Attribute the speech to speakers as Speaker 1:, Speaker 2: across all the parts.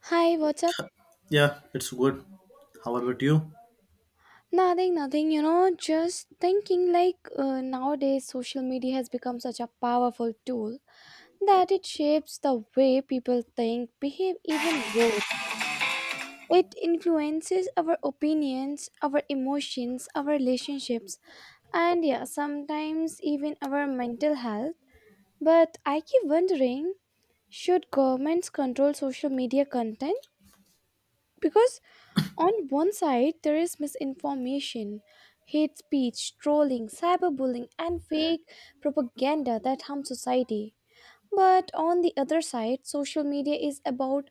Speaker 1: Hi, what's up?
Speaker 2: Yeah, it's good. How about you?
Speaker 1: Nothing, nothing, just thinking nowadays social media has become such a powerful tool that it shapes the way people think, behave, even vote. It influences our opinions, our emotions, our relationships, and yeah, sometimes even our mental health. But I keep wondering, should governments control social media content? Because on one side, there is misinformation, hate speech, trolling, cyberbullying, and fake propaganda that harm society. But on the other side, social media is about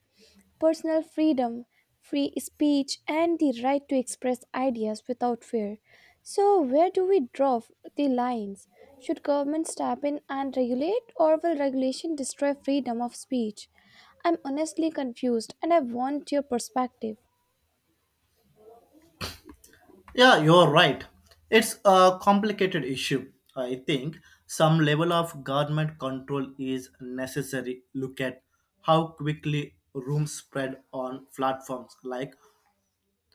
Speaker 1: personal freedom, free speech, and the right to express ideas without fear. So, where do we the lines? Should government step in and regulate, or will regulation destroy freedom of speech? I'm honestly confused and I want your perspective.
Speaker 2: Yeah, you're right. It's a complicated issue. I think some level of government control is necessary. Look at how quickly rooms spread on platforms like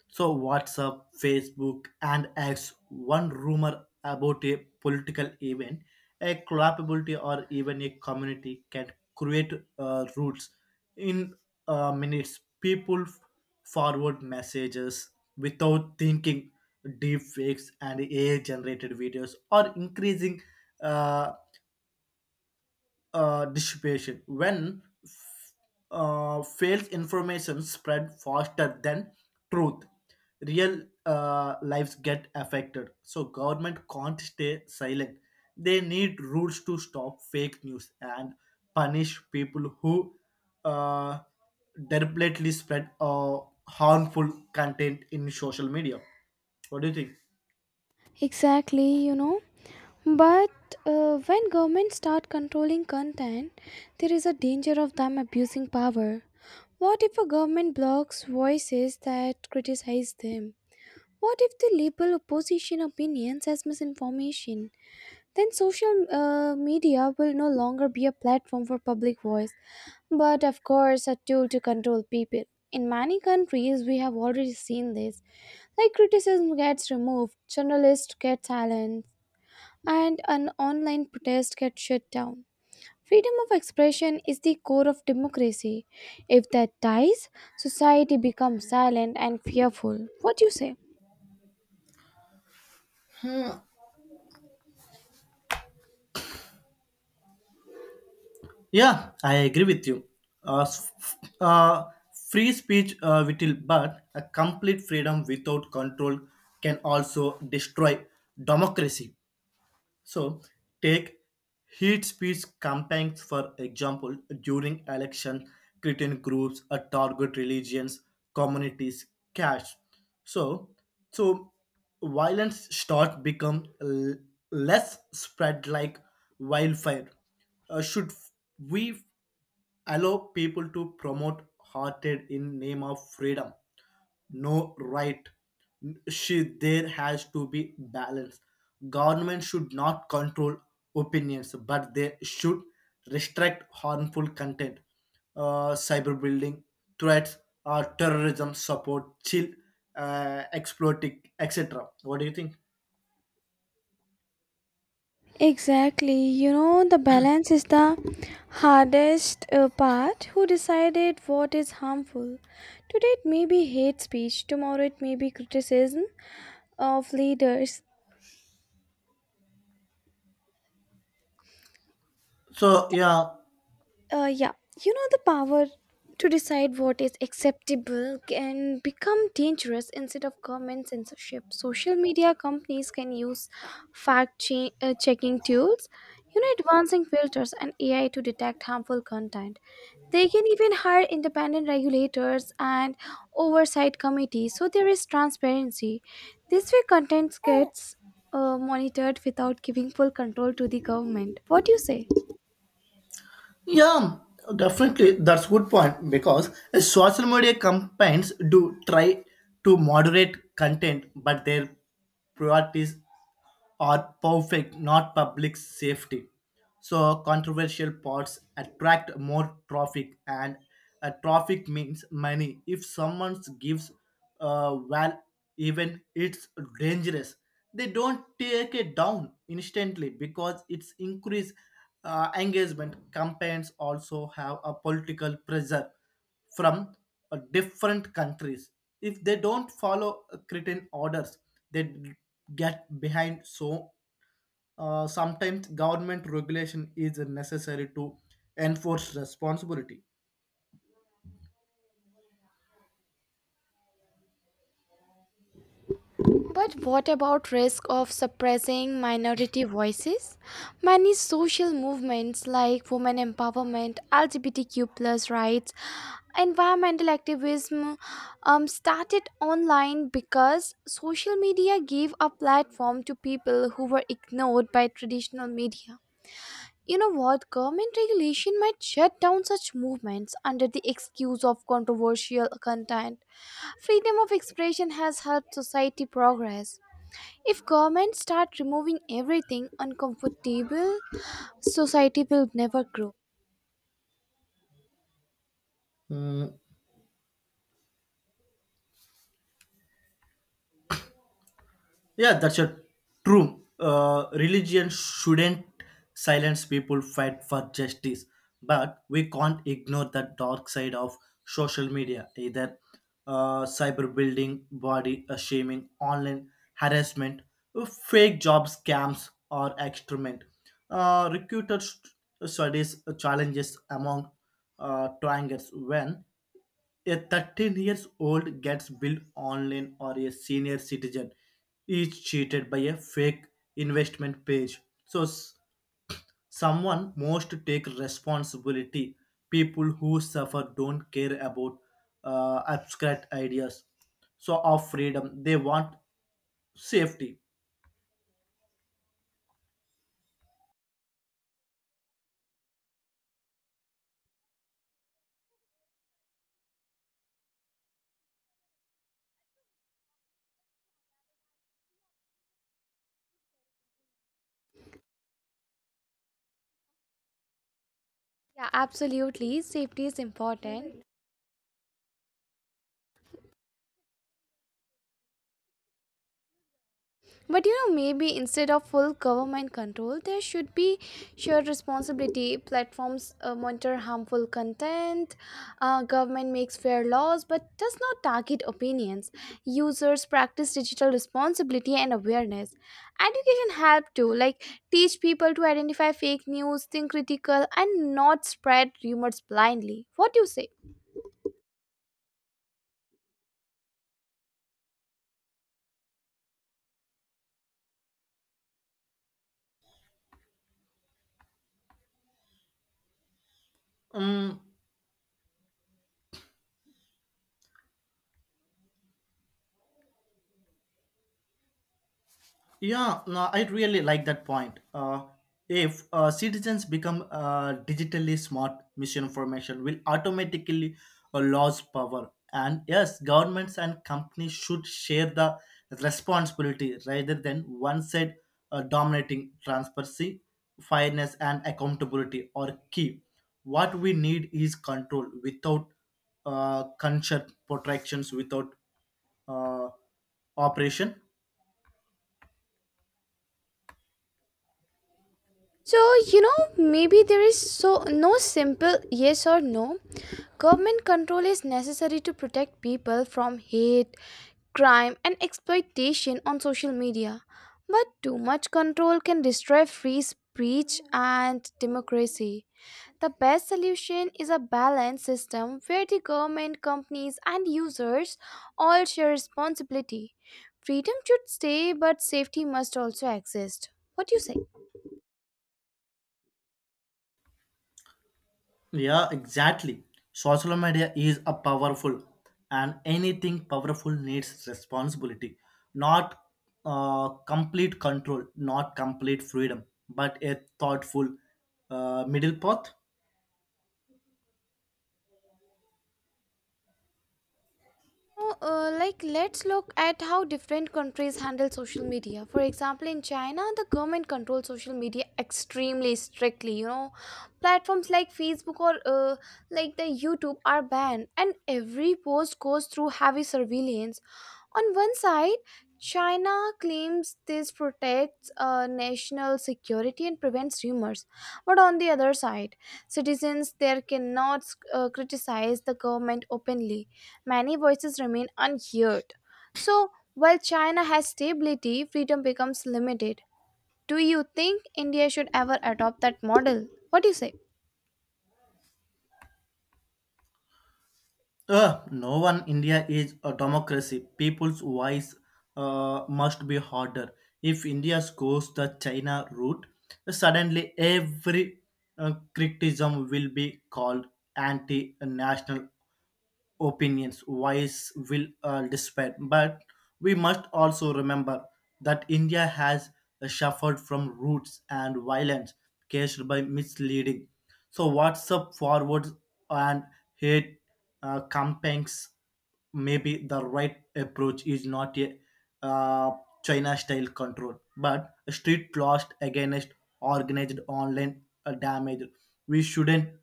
Speaker 2: WhatsApp, Facebook, and X, one rumor about a political event, a collapsibility, or even a community can create roots. In minutes, people forward messages without thinking. Deep fakes and AI-generated videos are increasing uh, dissipation. When false information spread faster than truth. Real lives get affected. So government can't stay silent. They need rules to stop fake news and punish people who uh, deliberately spread harmful content in social media. What do you think?
Speaker 1: Exactly, you know. But when governments start controlling content, there is a danger of them abusing power. What if a government blocks voices that criticize them? What if they label opposition opinions as misinformation? Then social media will no longer be a platform for public voice, but of course, a tool to control people. In many countries, we have already seen this. Like criticism gets removed, journalists get silent, and an online protest gets shut down. Freedom of expression is the core of democracy. If that dies, society becomes silent and fearful. What do you say?
Speaker 2: Yeah, I agree with you. Uh, s- uh, Free speech little, but a complete freedom without control can also destroy democracy. So, take hate speech campaigns for example during election. Certain groups target religions, communities, caste. So, so, violence start become less spread like wildfire. Should we allow people to promote hearted in name of freedom no right she there has to be balance government should not control opinions but they should restrict harmful content, cyberbullying threats or terrorism support chill, exploiting, etc. What do you think?
Speaker 1: Exactly. You know, the balance is the hardest part. Who decided what is harmful? Today it may be hate speech, tomorrow it may be criticism of leaders.
Speaker 2: So yeah.
Speaker 1: Yeah, you know, the power to decide what is acceptable can become dangerous instead of government censorship. Social media companies can use checking tools, you know, advancing filters and AI to detect harmful content. They can even hire independent regulators and oversight committees so there is transparency. This way, content gets monitored without giving full control to the government. What do you say?
Speaker 2: Yeah, definitely. That's good point because social media campaigns do try to moderate content, but their priorities are perfect, not public safety. So controversial parts attract more traffic, and traffic means money. If someone gives, well, even it's dangerous. They don't take it down instantly because it's increased engagement. Campaigns also have a political pressure from different countries. If they don't follow certain orders, they d- get behind. So sometimes government regulation is necessary to enforce responsibility.
Speaker 1: But what about risk of suppressing minority voices? Many social movements like women empowerment, LGBTQ plus rights, environmental activism started online because social media gave a platform to people who were ignored by traditional media. You know what? Government regulation might shut down such movements under the excuse of controversial content. Freedom of expression has helped society progress. If governments start removing everything uncomfortable, society will never grow.
Speaker 2: Mm. Yeah, that's a true. Religion shouldn't silence people fight for justice, but we can't ignore the dark side of social media, either cyberbullying, body shaming, online harassment, fake job scams, or experiment. Uh, recruiter st- studies challenges among triangles when a 13 years old gets billed online or a senior citizen is cheated by a fake investment page. So s- Someone must take responsibility. People who suffer don't care about abstract ideas. So of freedom, they want safety.
Speaker 1: Yeah, absolutely. Safety is important. But you know, maybe instead of full government control, there should be shared responsibility. Platforms monitor harmful content, government makes fair laws but does not target opinions. Users practice digital responsibility and awareness. Education help too, like teach people to identify fake news, think critical, and not spread rumors blindly. What do you say?
Speaker 2: Mm. Yeah, no, I really like that point. If citizens become digitally smart, misinformation will automatically lose power. And yes, governments and companies should share the responsibility rather than one side dominating. Transparency, fairness, and accountability are key. What we need is control without consent protections, without uh, operation.
Speaker 1: So, you know, maybe there is so no simple yes or no. Government control is necessary to protect people from hate, crime, and exploitation on social media. But too much control can destroy free speech and democracy. The best solution is a balanced system where the government, companies, and users all share responsibility. Freedom should stay, but safety must also exist. What do you say?
Speaker 2: Yeah, exactly. Social media is a powerful, and anything powerful needs responsibility, not complete control, not complete freedom, but a thoughtful middle path.
Speaker 1: Oh, like, let's look at how different countries handle social media. For example, in China, the government controls social media extremely strictly, you know. Platforms like Facebook or like the YouTube are banned and every post goes through heavy surveillance. On one side, China claims this protects national security and prevents rumors, but on the other side, citizens there cannot criticize the government openly. Many voices remain unheard. So, while China has stability, freedom becomes limited. Do you think India should ever adopt that model? What do you say?
Speaker 2: No one India is a democracy. People's voice must be harder. If India goes the China route, suddenly every criticism will be called anti-national opinions, voice, will, or despair. But we must also remember that India has suffered from roots and violence caused by misleading. So, WhatsApp forwards and hate campaigns maybe the right approach is not a uh, China style control, but a strict lost against organized online damage. We shouldn't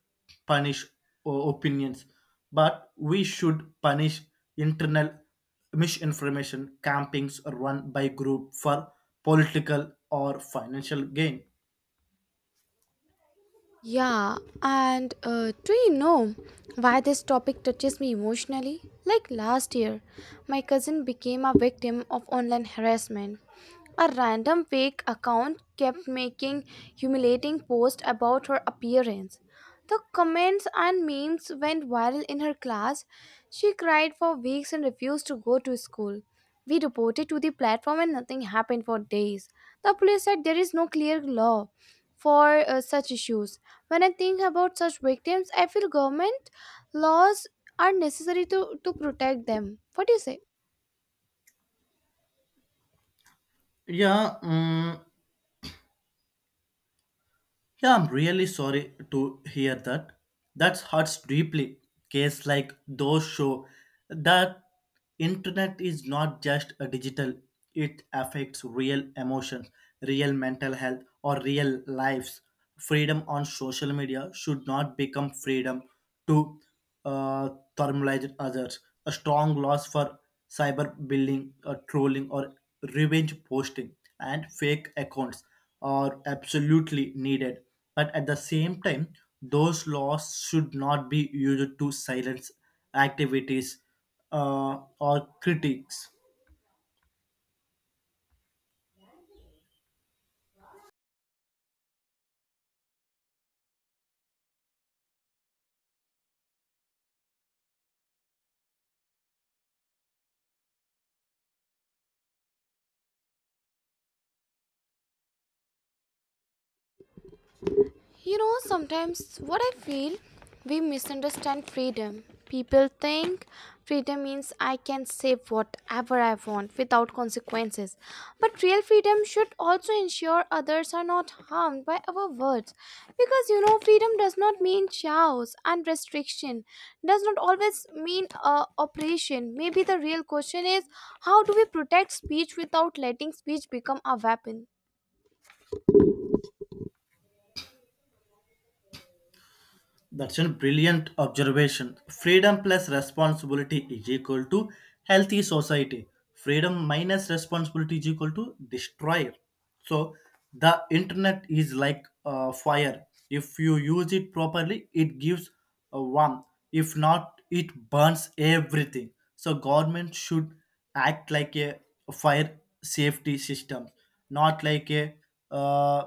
Speaker 2: punish opinions, but we should punish internal misinformation campings run by group for political or financial gain.
Speaker 1: Yeah, and Do you know why this topic touches me emotionally? Like last year, my cousin became a victim of online harassment. A random fake account kept making humiliating posts about her appearance. The comments and memes went viral in her class. She cried for weeks and refused to go to school. We reported to the platform and nothing happened for days. The police said there is no clear law for such issues. When I think about such victims, I feel government laws are necessary to protect them. What do you say?
Speaker 2: Yeah, mm, Yeah, I'm really sorry to hear that. That hurts deeply. Cases like those show that internet is not just a digital, it affects real emotions, real mental health, or real lives. Freedom on social media should not become freedom to uh, thermalize others. A strong loss for cyberbullying, trolling, or revenge posting, and fake accounts are absolutely needed. But at the same time, those laws should not be used to silence activities or critics.
Speaker 1: You know, sometimes what I feel, we misunderstand freedom. People think freedom means I can say whatever I want without consequences. But real freedom should also ensure others are not harmed by our words. Because you know, freedom does not mean chaos, and restriction does not always mean oppression. Maybe the real question is, how do we protect speech without letting speech become a weapon?
Speaker 2: That's a brilliant observation. Freedom plus responsibility is equal to healthy society. Freedom minus responsibility is equal to destroyer. So the internet is like a fire. If you use it properly, it gives a warmth. If not, it burns everything. So government should act like a fire safety system, not like a uh,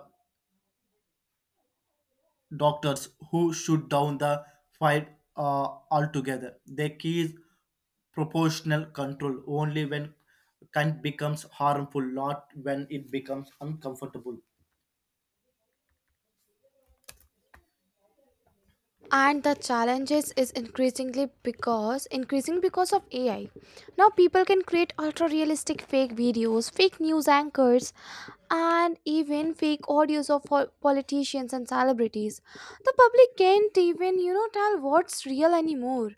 Speaker 2: doctors who shoot down the fight altogether. The key is proportional control only when kind becomes harmful, not when it becomes uncomfortable.
Speaker 1: And the challenges is increasingly because increasing because of AI. Now people can create ultra realistic fake videos, fake news anchors, and even fake audios of politicians and celebrities. The public can't even, you know, tell what's real anymore,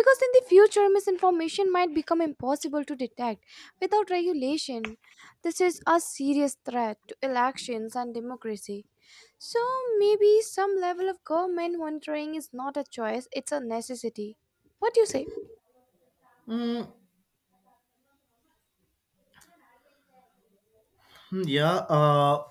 Speaker 1: because in the future misinformation might become impossible to detect without regulation. This is a serious threat to elections and democracy. So maybe some level of government monitoring is not a choice, it's a necessity. What do you say?
Speaker 2: Mm, Hmm, Yeah, uh,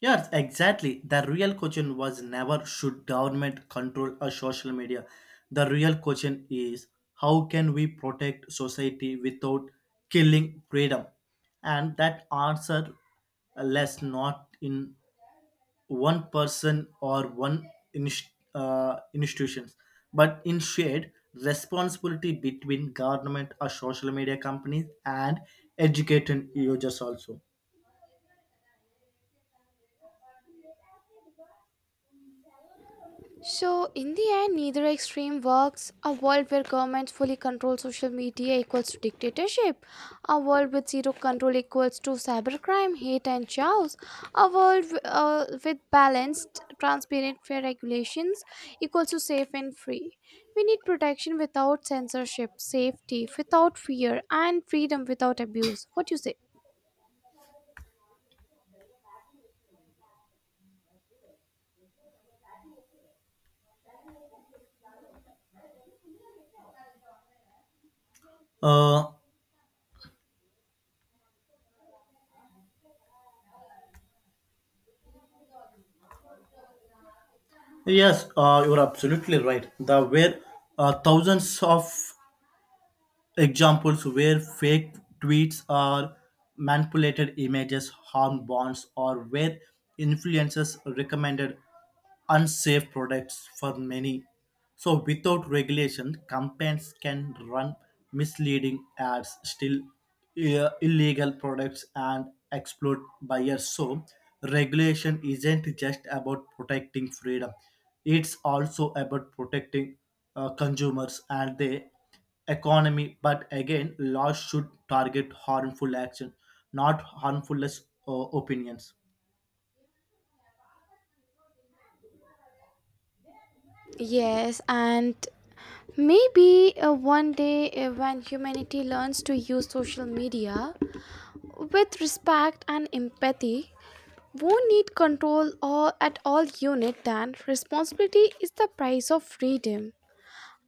Speaker 2: yes, exactly. The real question was never should government control a social media. The real question is how can we protect society without killing freedom? And that answer lies not in one person or one institutions, but in shared responsibility between government or social media companies and educated users also.
Speaker 1: So in the end, neither extreme works. A world where governments fully control social media equals to dictatorship. A world with zero control equals to cybercrime, hate and chaos. A world with balanced, transparent, fair regulations equals to safe and free. We need protection without censorship, safety without fear, and freedom without abuse. What do you say?
Speaker 2: Uh, yes, you're absolutely right. There were thousands of examples where fake tweets or manipulated images harm bonds, or where influencers recommended unsafe products for many. So, without regulation, companies can run misleading ads, still illegal products, and exploit buyers. So, regulation isn't just about protecting freedom, it's also about protecting consumers and they economy. But again, laws should target harmful action, not harmfulness uh, opinions.
Speaker 1: Yes, and maybe one day, when humanity learns to use social media with respect and empathy, won't need control or at all unit, then responsibility is the price of freedom.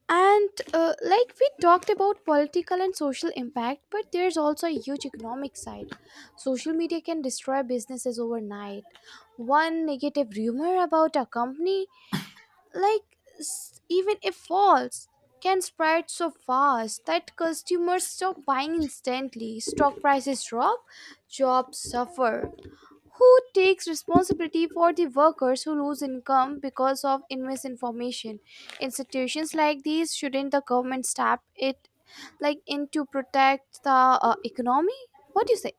Speaker 1: And like we talked about political and social impact, but there's also a huge economic side. Social media can destroy businesses overnight. One negative rumor about a company, even if false, can spread so fast that customers stop buying instantly, stock prices drop, jobs suffer. Who takes responsibility for the workers who lose income because of misinformation? Institutions like these, shouldn't the government step it, like in, to protect the economy? What do you say?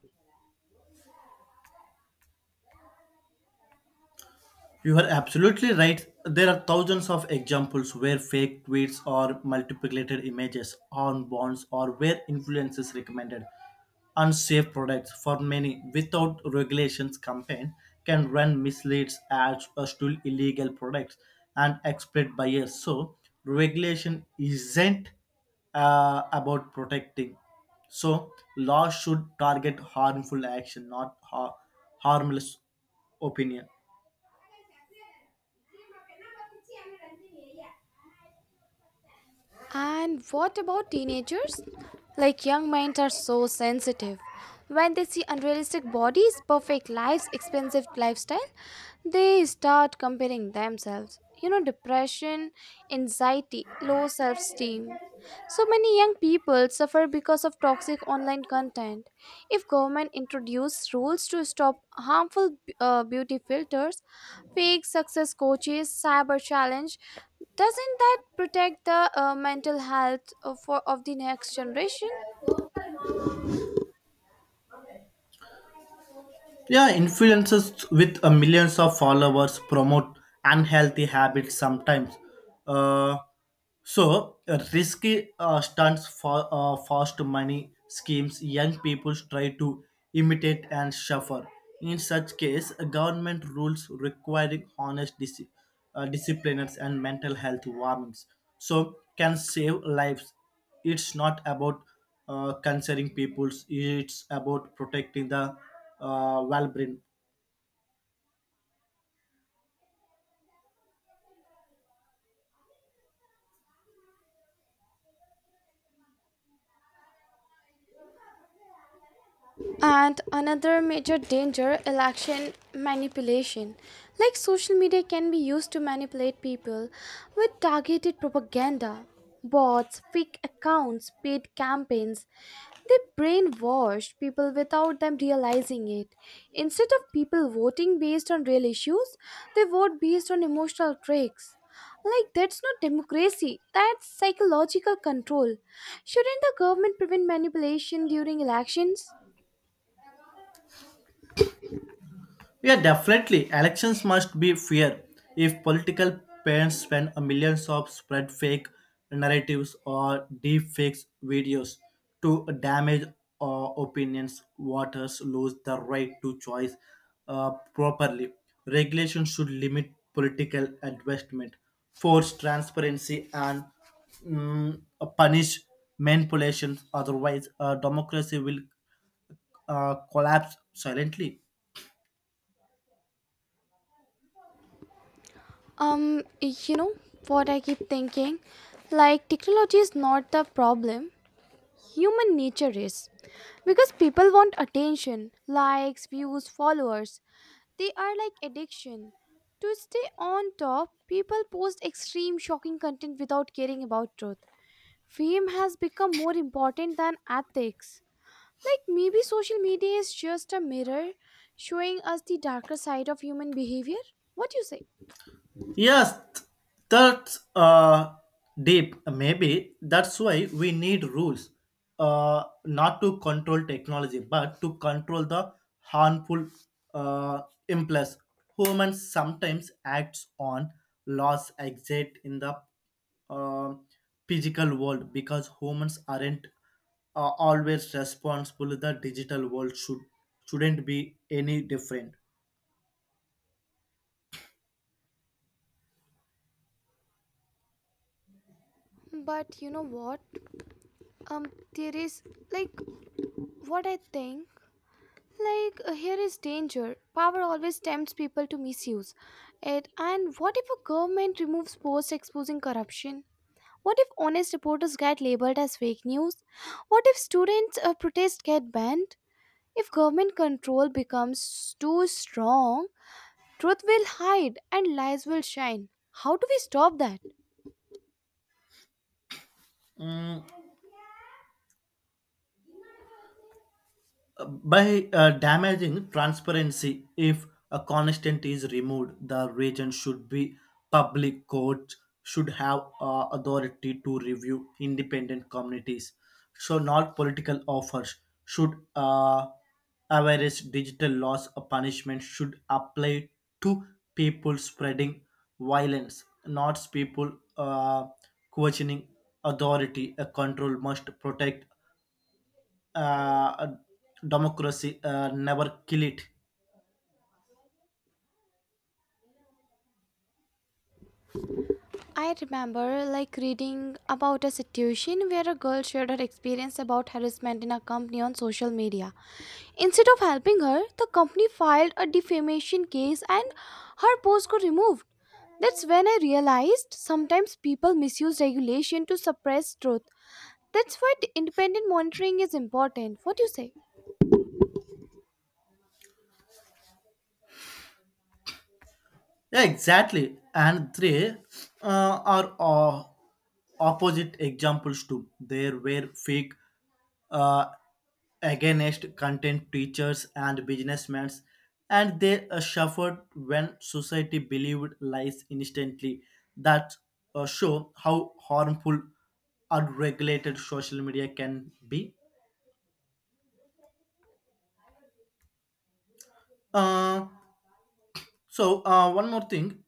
Speaker 2: You are absolutely right. There are thousands of examples where fake tweets or multiplicated images on bonds or where influencers recommended unsafe products for many without regulations campaign can run misleads ads or still illegal products and exploit buyers. So regulation isn't about protecting. So law should target harmful action, not harmless opinion.
Speaker 1: And what about teenagers? Like young minds are so sensitive. When they see unrealistic bodies, perfect lives, expensive lifestyle, they start comparing themselves. You know, depression, anxiety, low self esteem. So many young people suffer because of toxic online content. If government introduced rules to stop harmful beauty filters, fake success coaches, cyber challenge, doesn't that protect the mental health of the next generation?
Speaker 2: Yeah, influencers with millions of followers promote unhealthy habits sometimes. Uh, so, risky stunts for fast money schemes young people try to imitate and suffer. In such case, government rules requiring honest disciplines and mental health warnings. So, can save lives it's not about concerning peoples it's about protecting the well brain.
Speaker 1: And another major danger, election manipulation. Like social media can be used to manipulate people with targeted propaganda, bots, fake accounts, paid campaigns. They brainwash people without them realizing it. Instead of people voting based on real issues, they vote based on emotional tricks. Like, that's not democracy, that's psychological control. Shouldn't the government prevent manipulation during elections?
Speaker 2: Yeah, definitely. Elections must be fair. If political parents spend millions of spread fake narratives or deep fakes videos to damage uh, opinions, voters lose the right to choice properly. Regulation should limit political investment, force transparency, and mm, punish manipulations. Otherwise, democracy will collapse silently.
Speaker 1: You know what I keep thinking? Like, technology is not the problem, human nature is. Because people want attention, likes, views, followers. They are like addiction. To stay on top, people post extreme, shocking content without caring about truth. Fame has become more important than ethics. Like, maybe social media is just a mirror showing us the darker side of human behavior. What do you say?
Speaker 2: Yes, that's deep. Maybe that's why we need rules, not to control technology, but to control the harmful uh, impulse. Humans sometimes acts on laws exist in the uh, physical world because humans aren't always responsible. The digital world shouldn't be any different.
Speaker 1: But you know what? Um, there is, like, what I think. Here is danger. Power always tempts people to misuse it. And what if a government removes posts exposing corruption? What if honest reporters get labeled as fake news? What if students protest get banned? If government control becomes too strong, truth will hide and lies will shine. How do we stop that?
Speaker 2: Mm. By damaging transparency if a constant is removed the region should be public court should have authority to review independent communities so not political offers should average digital laws or punishment should apply to people spreading violence not people uh, questioning authority a control must protect uh, democracy never kill it.
Speaker 1: I remember like reading about a situation where a girl shared her experience about harassment in a company on social media. Instead of helping her, the company filed a defamation case and her post got removed. That's when I realized sometimes people misuse regulation to suppress truth. That's why the independent monitoring is important. What do you say?
Speaker 2: Yeah, exactly, and three are opposite examples too there were fake uh, against content teachers and businessmen and they suffered when society believed lies instantly that show how harmful unregulated social media can be. uh, One more thing.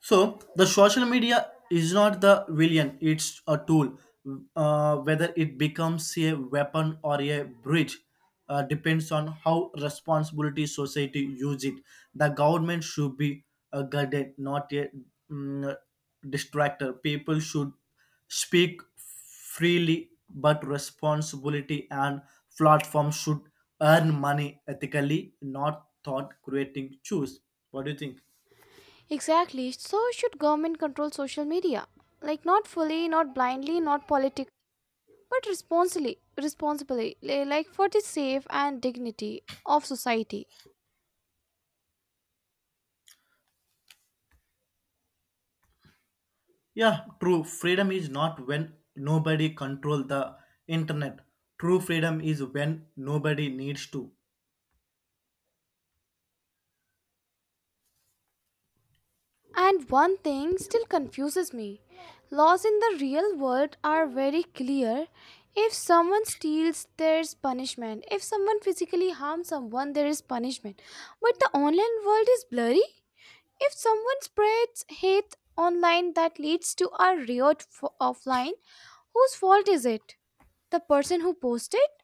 Speaker 2: So the social media is not the villain; it's a tool. Whether it becomes a weapon or a bridge depends on how responsibility society use it. The government should be a guardian, not a mm, distractor. People should speak freely, but responsibility and platforms should earn money ethically, not thought creating. Choose. What do you think?
Speaker 1: Exactly. So should government control social media? Like not fully, not blindly, not politically, but responsibly. Like, for the safe and dignity of society.
Speaker 2: Yeah, true. Freedom is not when nobody control the internet. True freedom is when nobody needs to.
Speaker 1: And one thing still confuses me, laws in the real world are very clear. If someone steals, there's punishment. If someone physically harms someone, there is punishment. But the online world is blurry. If someone spreads hate online that leads to a offline, whose fault is it? The person who posted,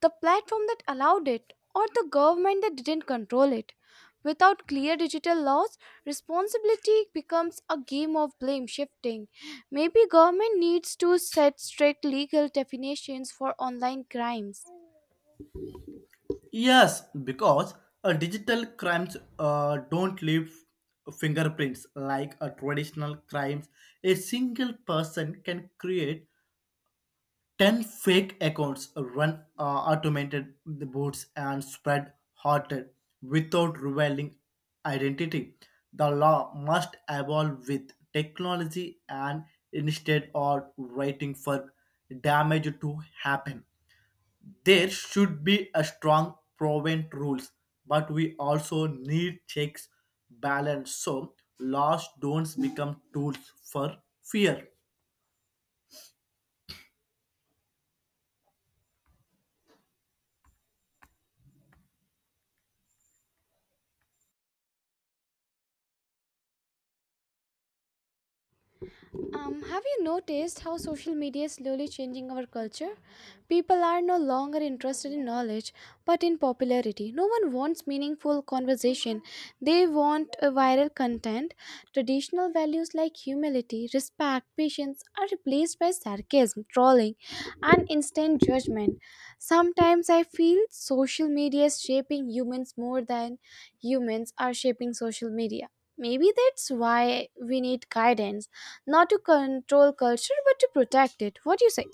Speaker 1: the platform that allowed it, or the government that didn't control it. Without clear digital laws, responsibility becomes a game of blame shifting. Maybe government needs to set strict legal definitions for online crimes.
Speaker 2: Yes, because digital crimes don't leave fingerprints like a traditional crimes. A single person can create ten fake accounts run automated the bots and spread hatred without revealing identity. The law must evolve with technology and instead of waiting for damage to happen. There should be a strong prevent rules, but we also need checks balance so laws don't become tools for fear.
Speaker 1: Have you noticed how social media is slowly changing our culture? People are no longer interested in knowledge, but in popularity. No one wants meaningful conversation. They want a viral content. Traditional values like humility, respect, patience are replaced by sarcasm, trolling, and instant judgment. Sometimes I feel social media is shaping humans more than humans are shaping social media. Maybe that's why we need guidance, not to control culture but to protect it. What do you say?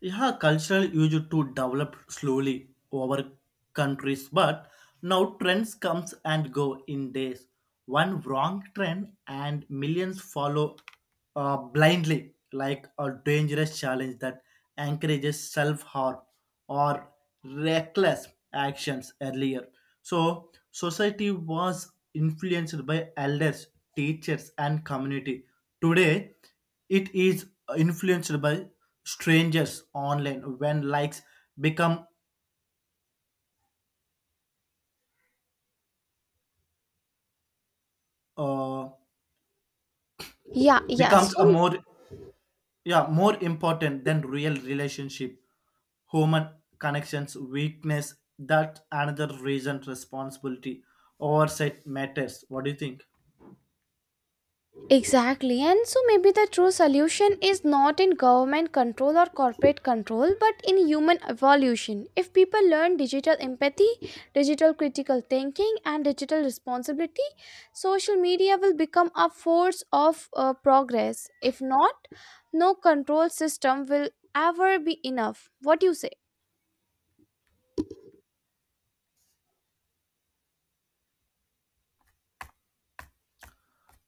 Speaker 2: Yeah, cultural used to develop slowly over countries, but now trends comes and go in days. One wrong trend and millions follow blindly, like a dangerous challenge that encourages self-harm or reckless actions earlier. So, society was influenced by elders, teachers, and community. Today, it is influenced by strangers online when likes become uh,
Speaker 1: Yeah,
Speaker 2: becomes
Speaker 1: so
Speaker 2: a more yeah more important than real relationship human connections weakness that another reason responsibility oversight matters what do you think.
Speaker 1: exactly, and so maybe the true solution is not in government control or corporate control, but in human evolution. If people learn digital empathy, digital critical thinking, and digital responsibility, social media will become a force of progress. If not, no control system will ever be enough. What do you say?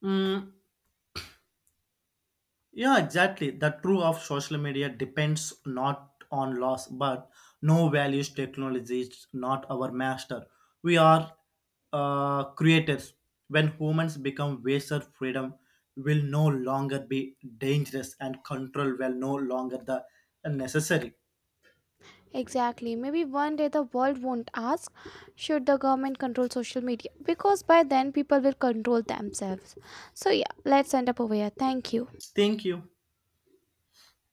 Speaker 2: Mm. Yeah, exactly. The true of social media depends not on loss, but no values technology is not our master. We are creators. When humans become wiser, freedom will no longer be dangerous and control will no longer the necessary.
Speaker 1: Exactly. Maybe one day the world won't ask, should the government control social media? Because by then people will control themselves. So, yeah, let's end up over here. Thank you.
Speaker 2: Thank you.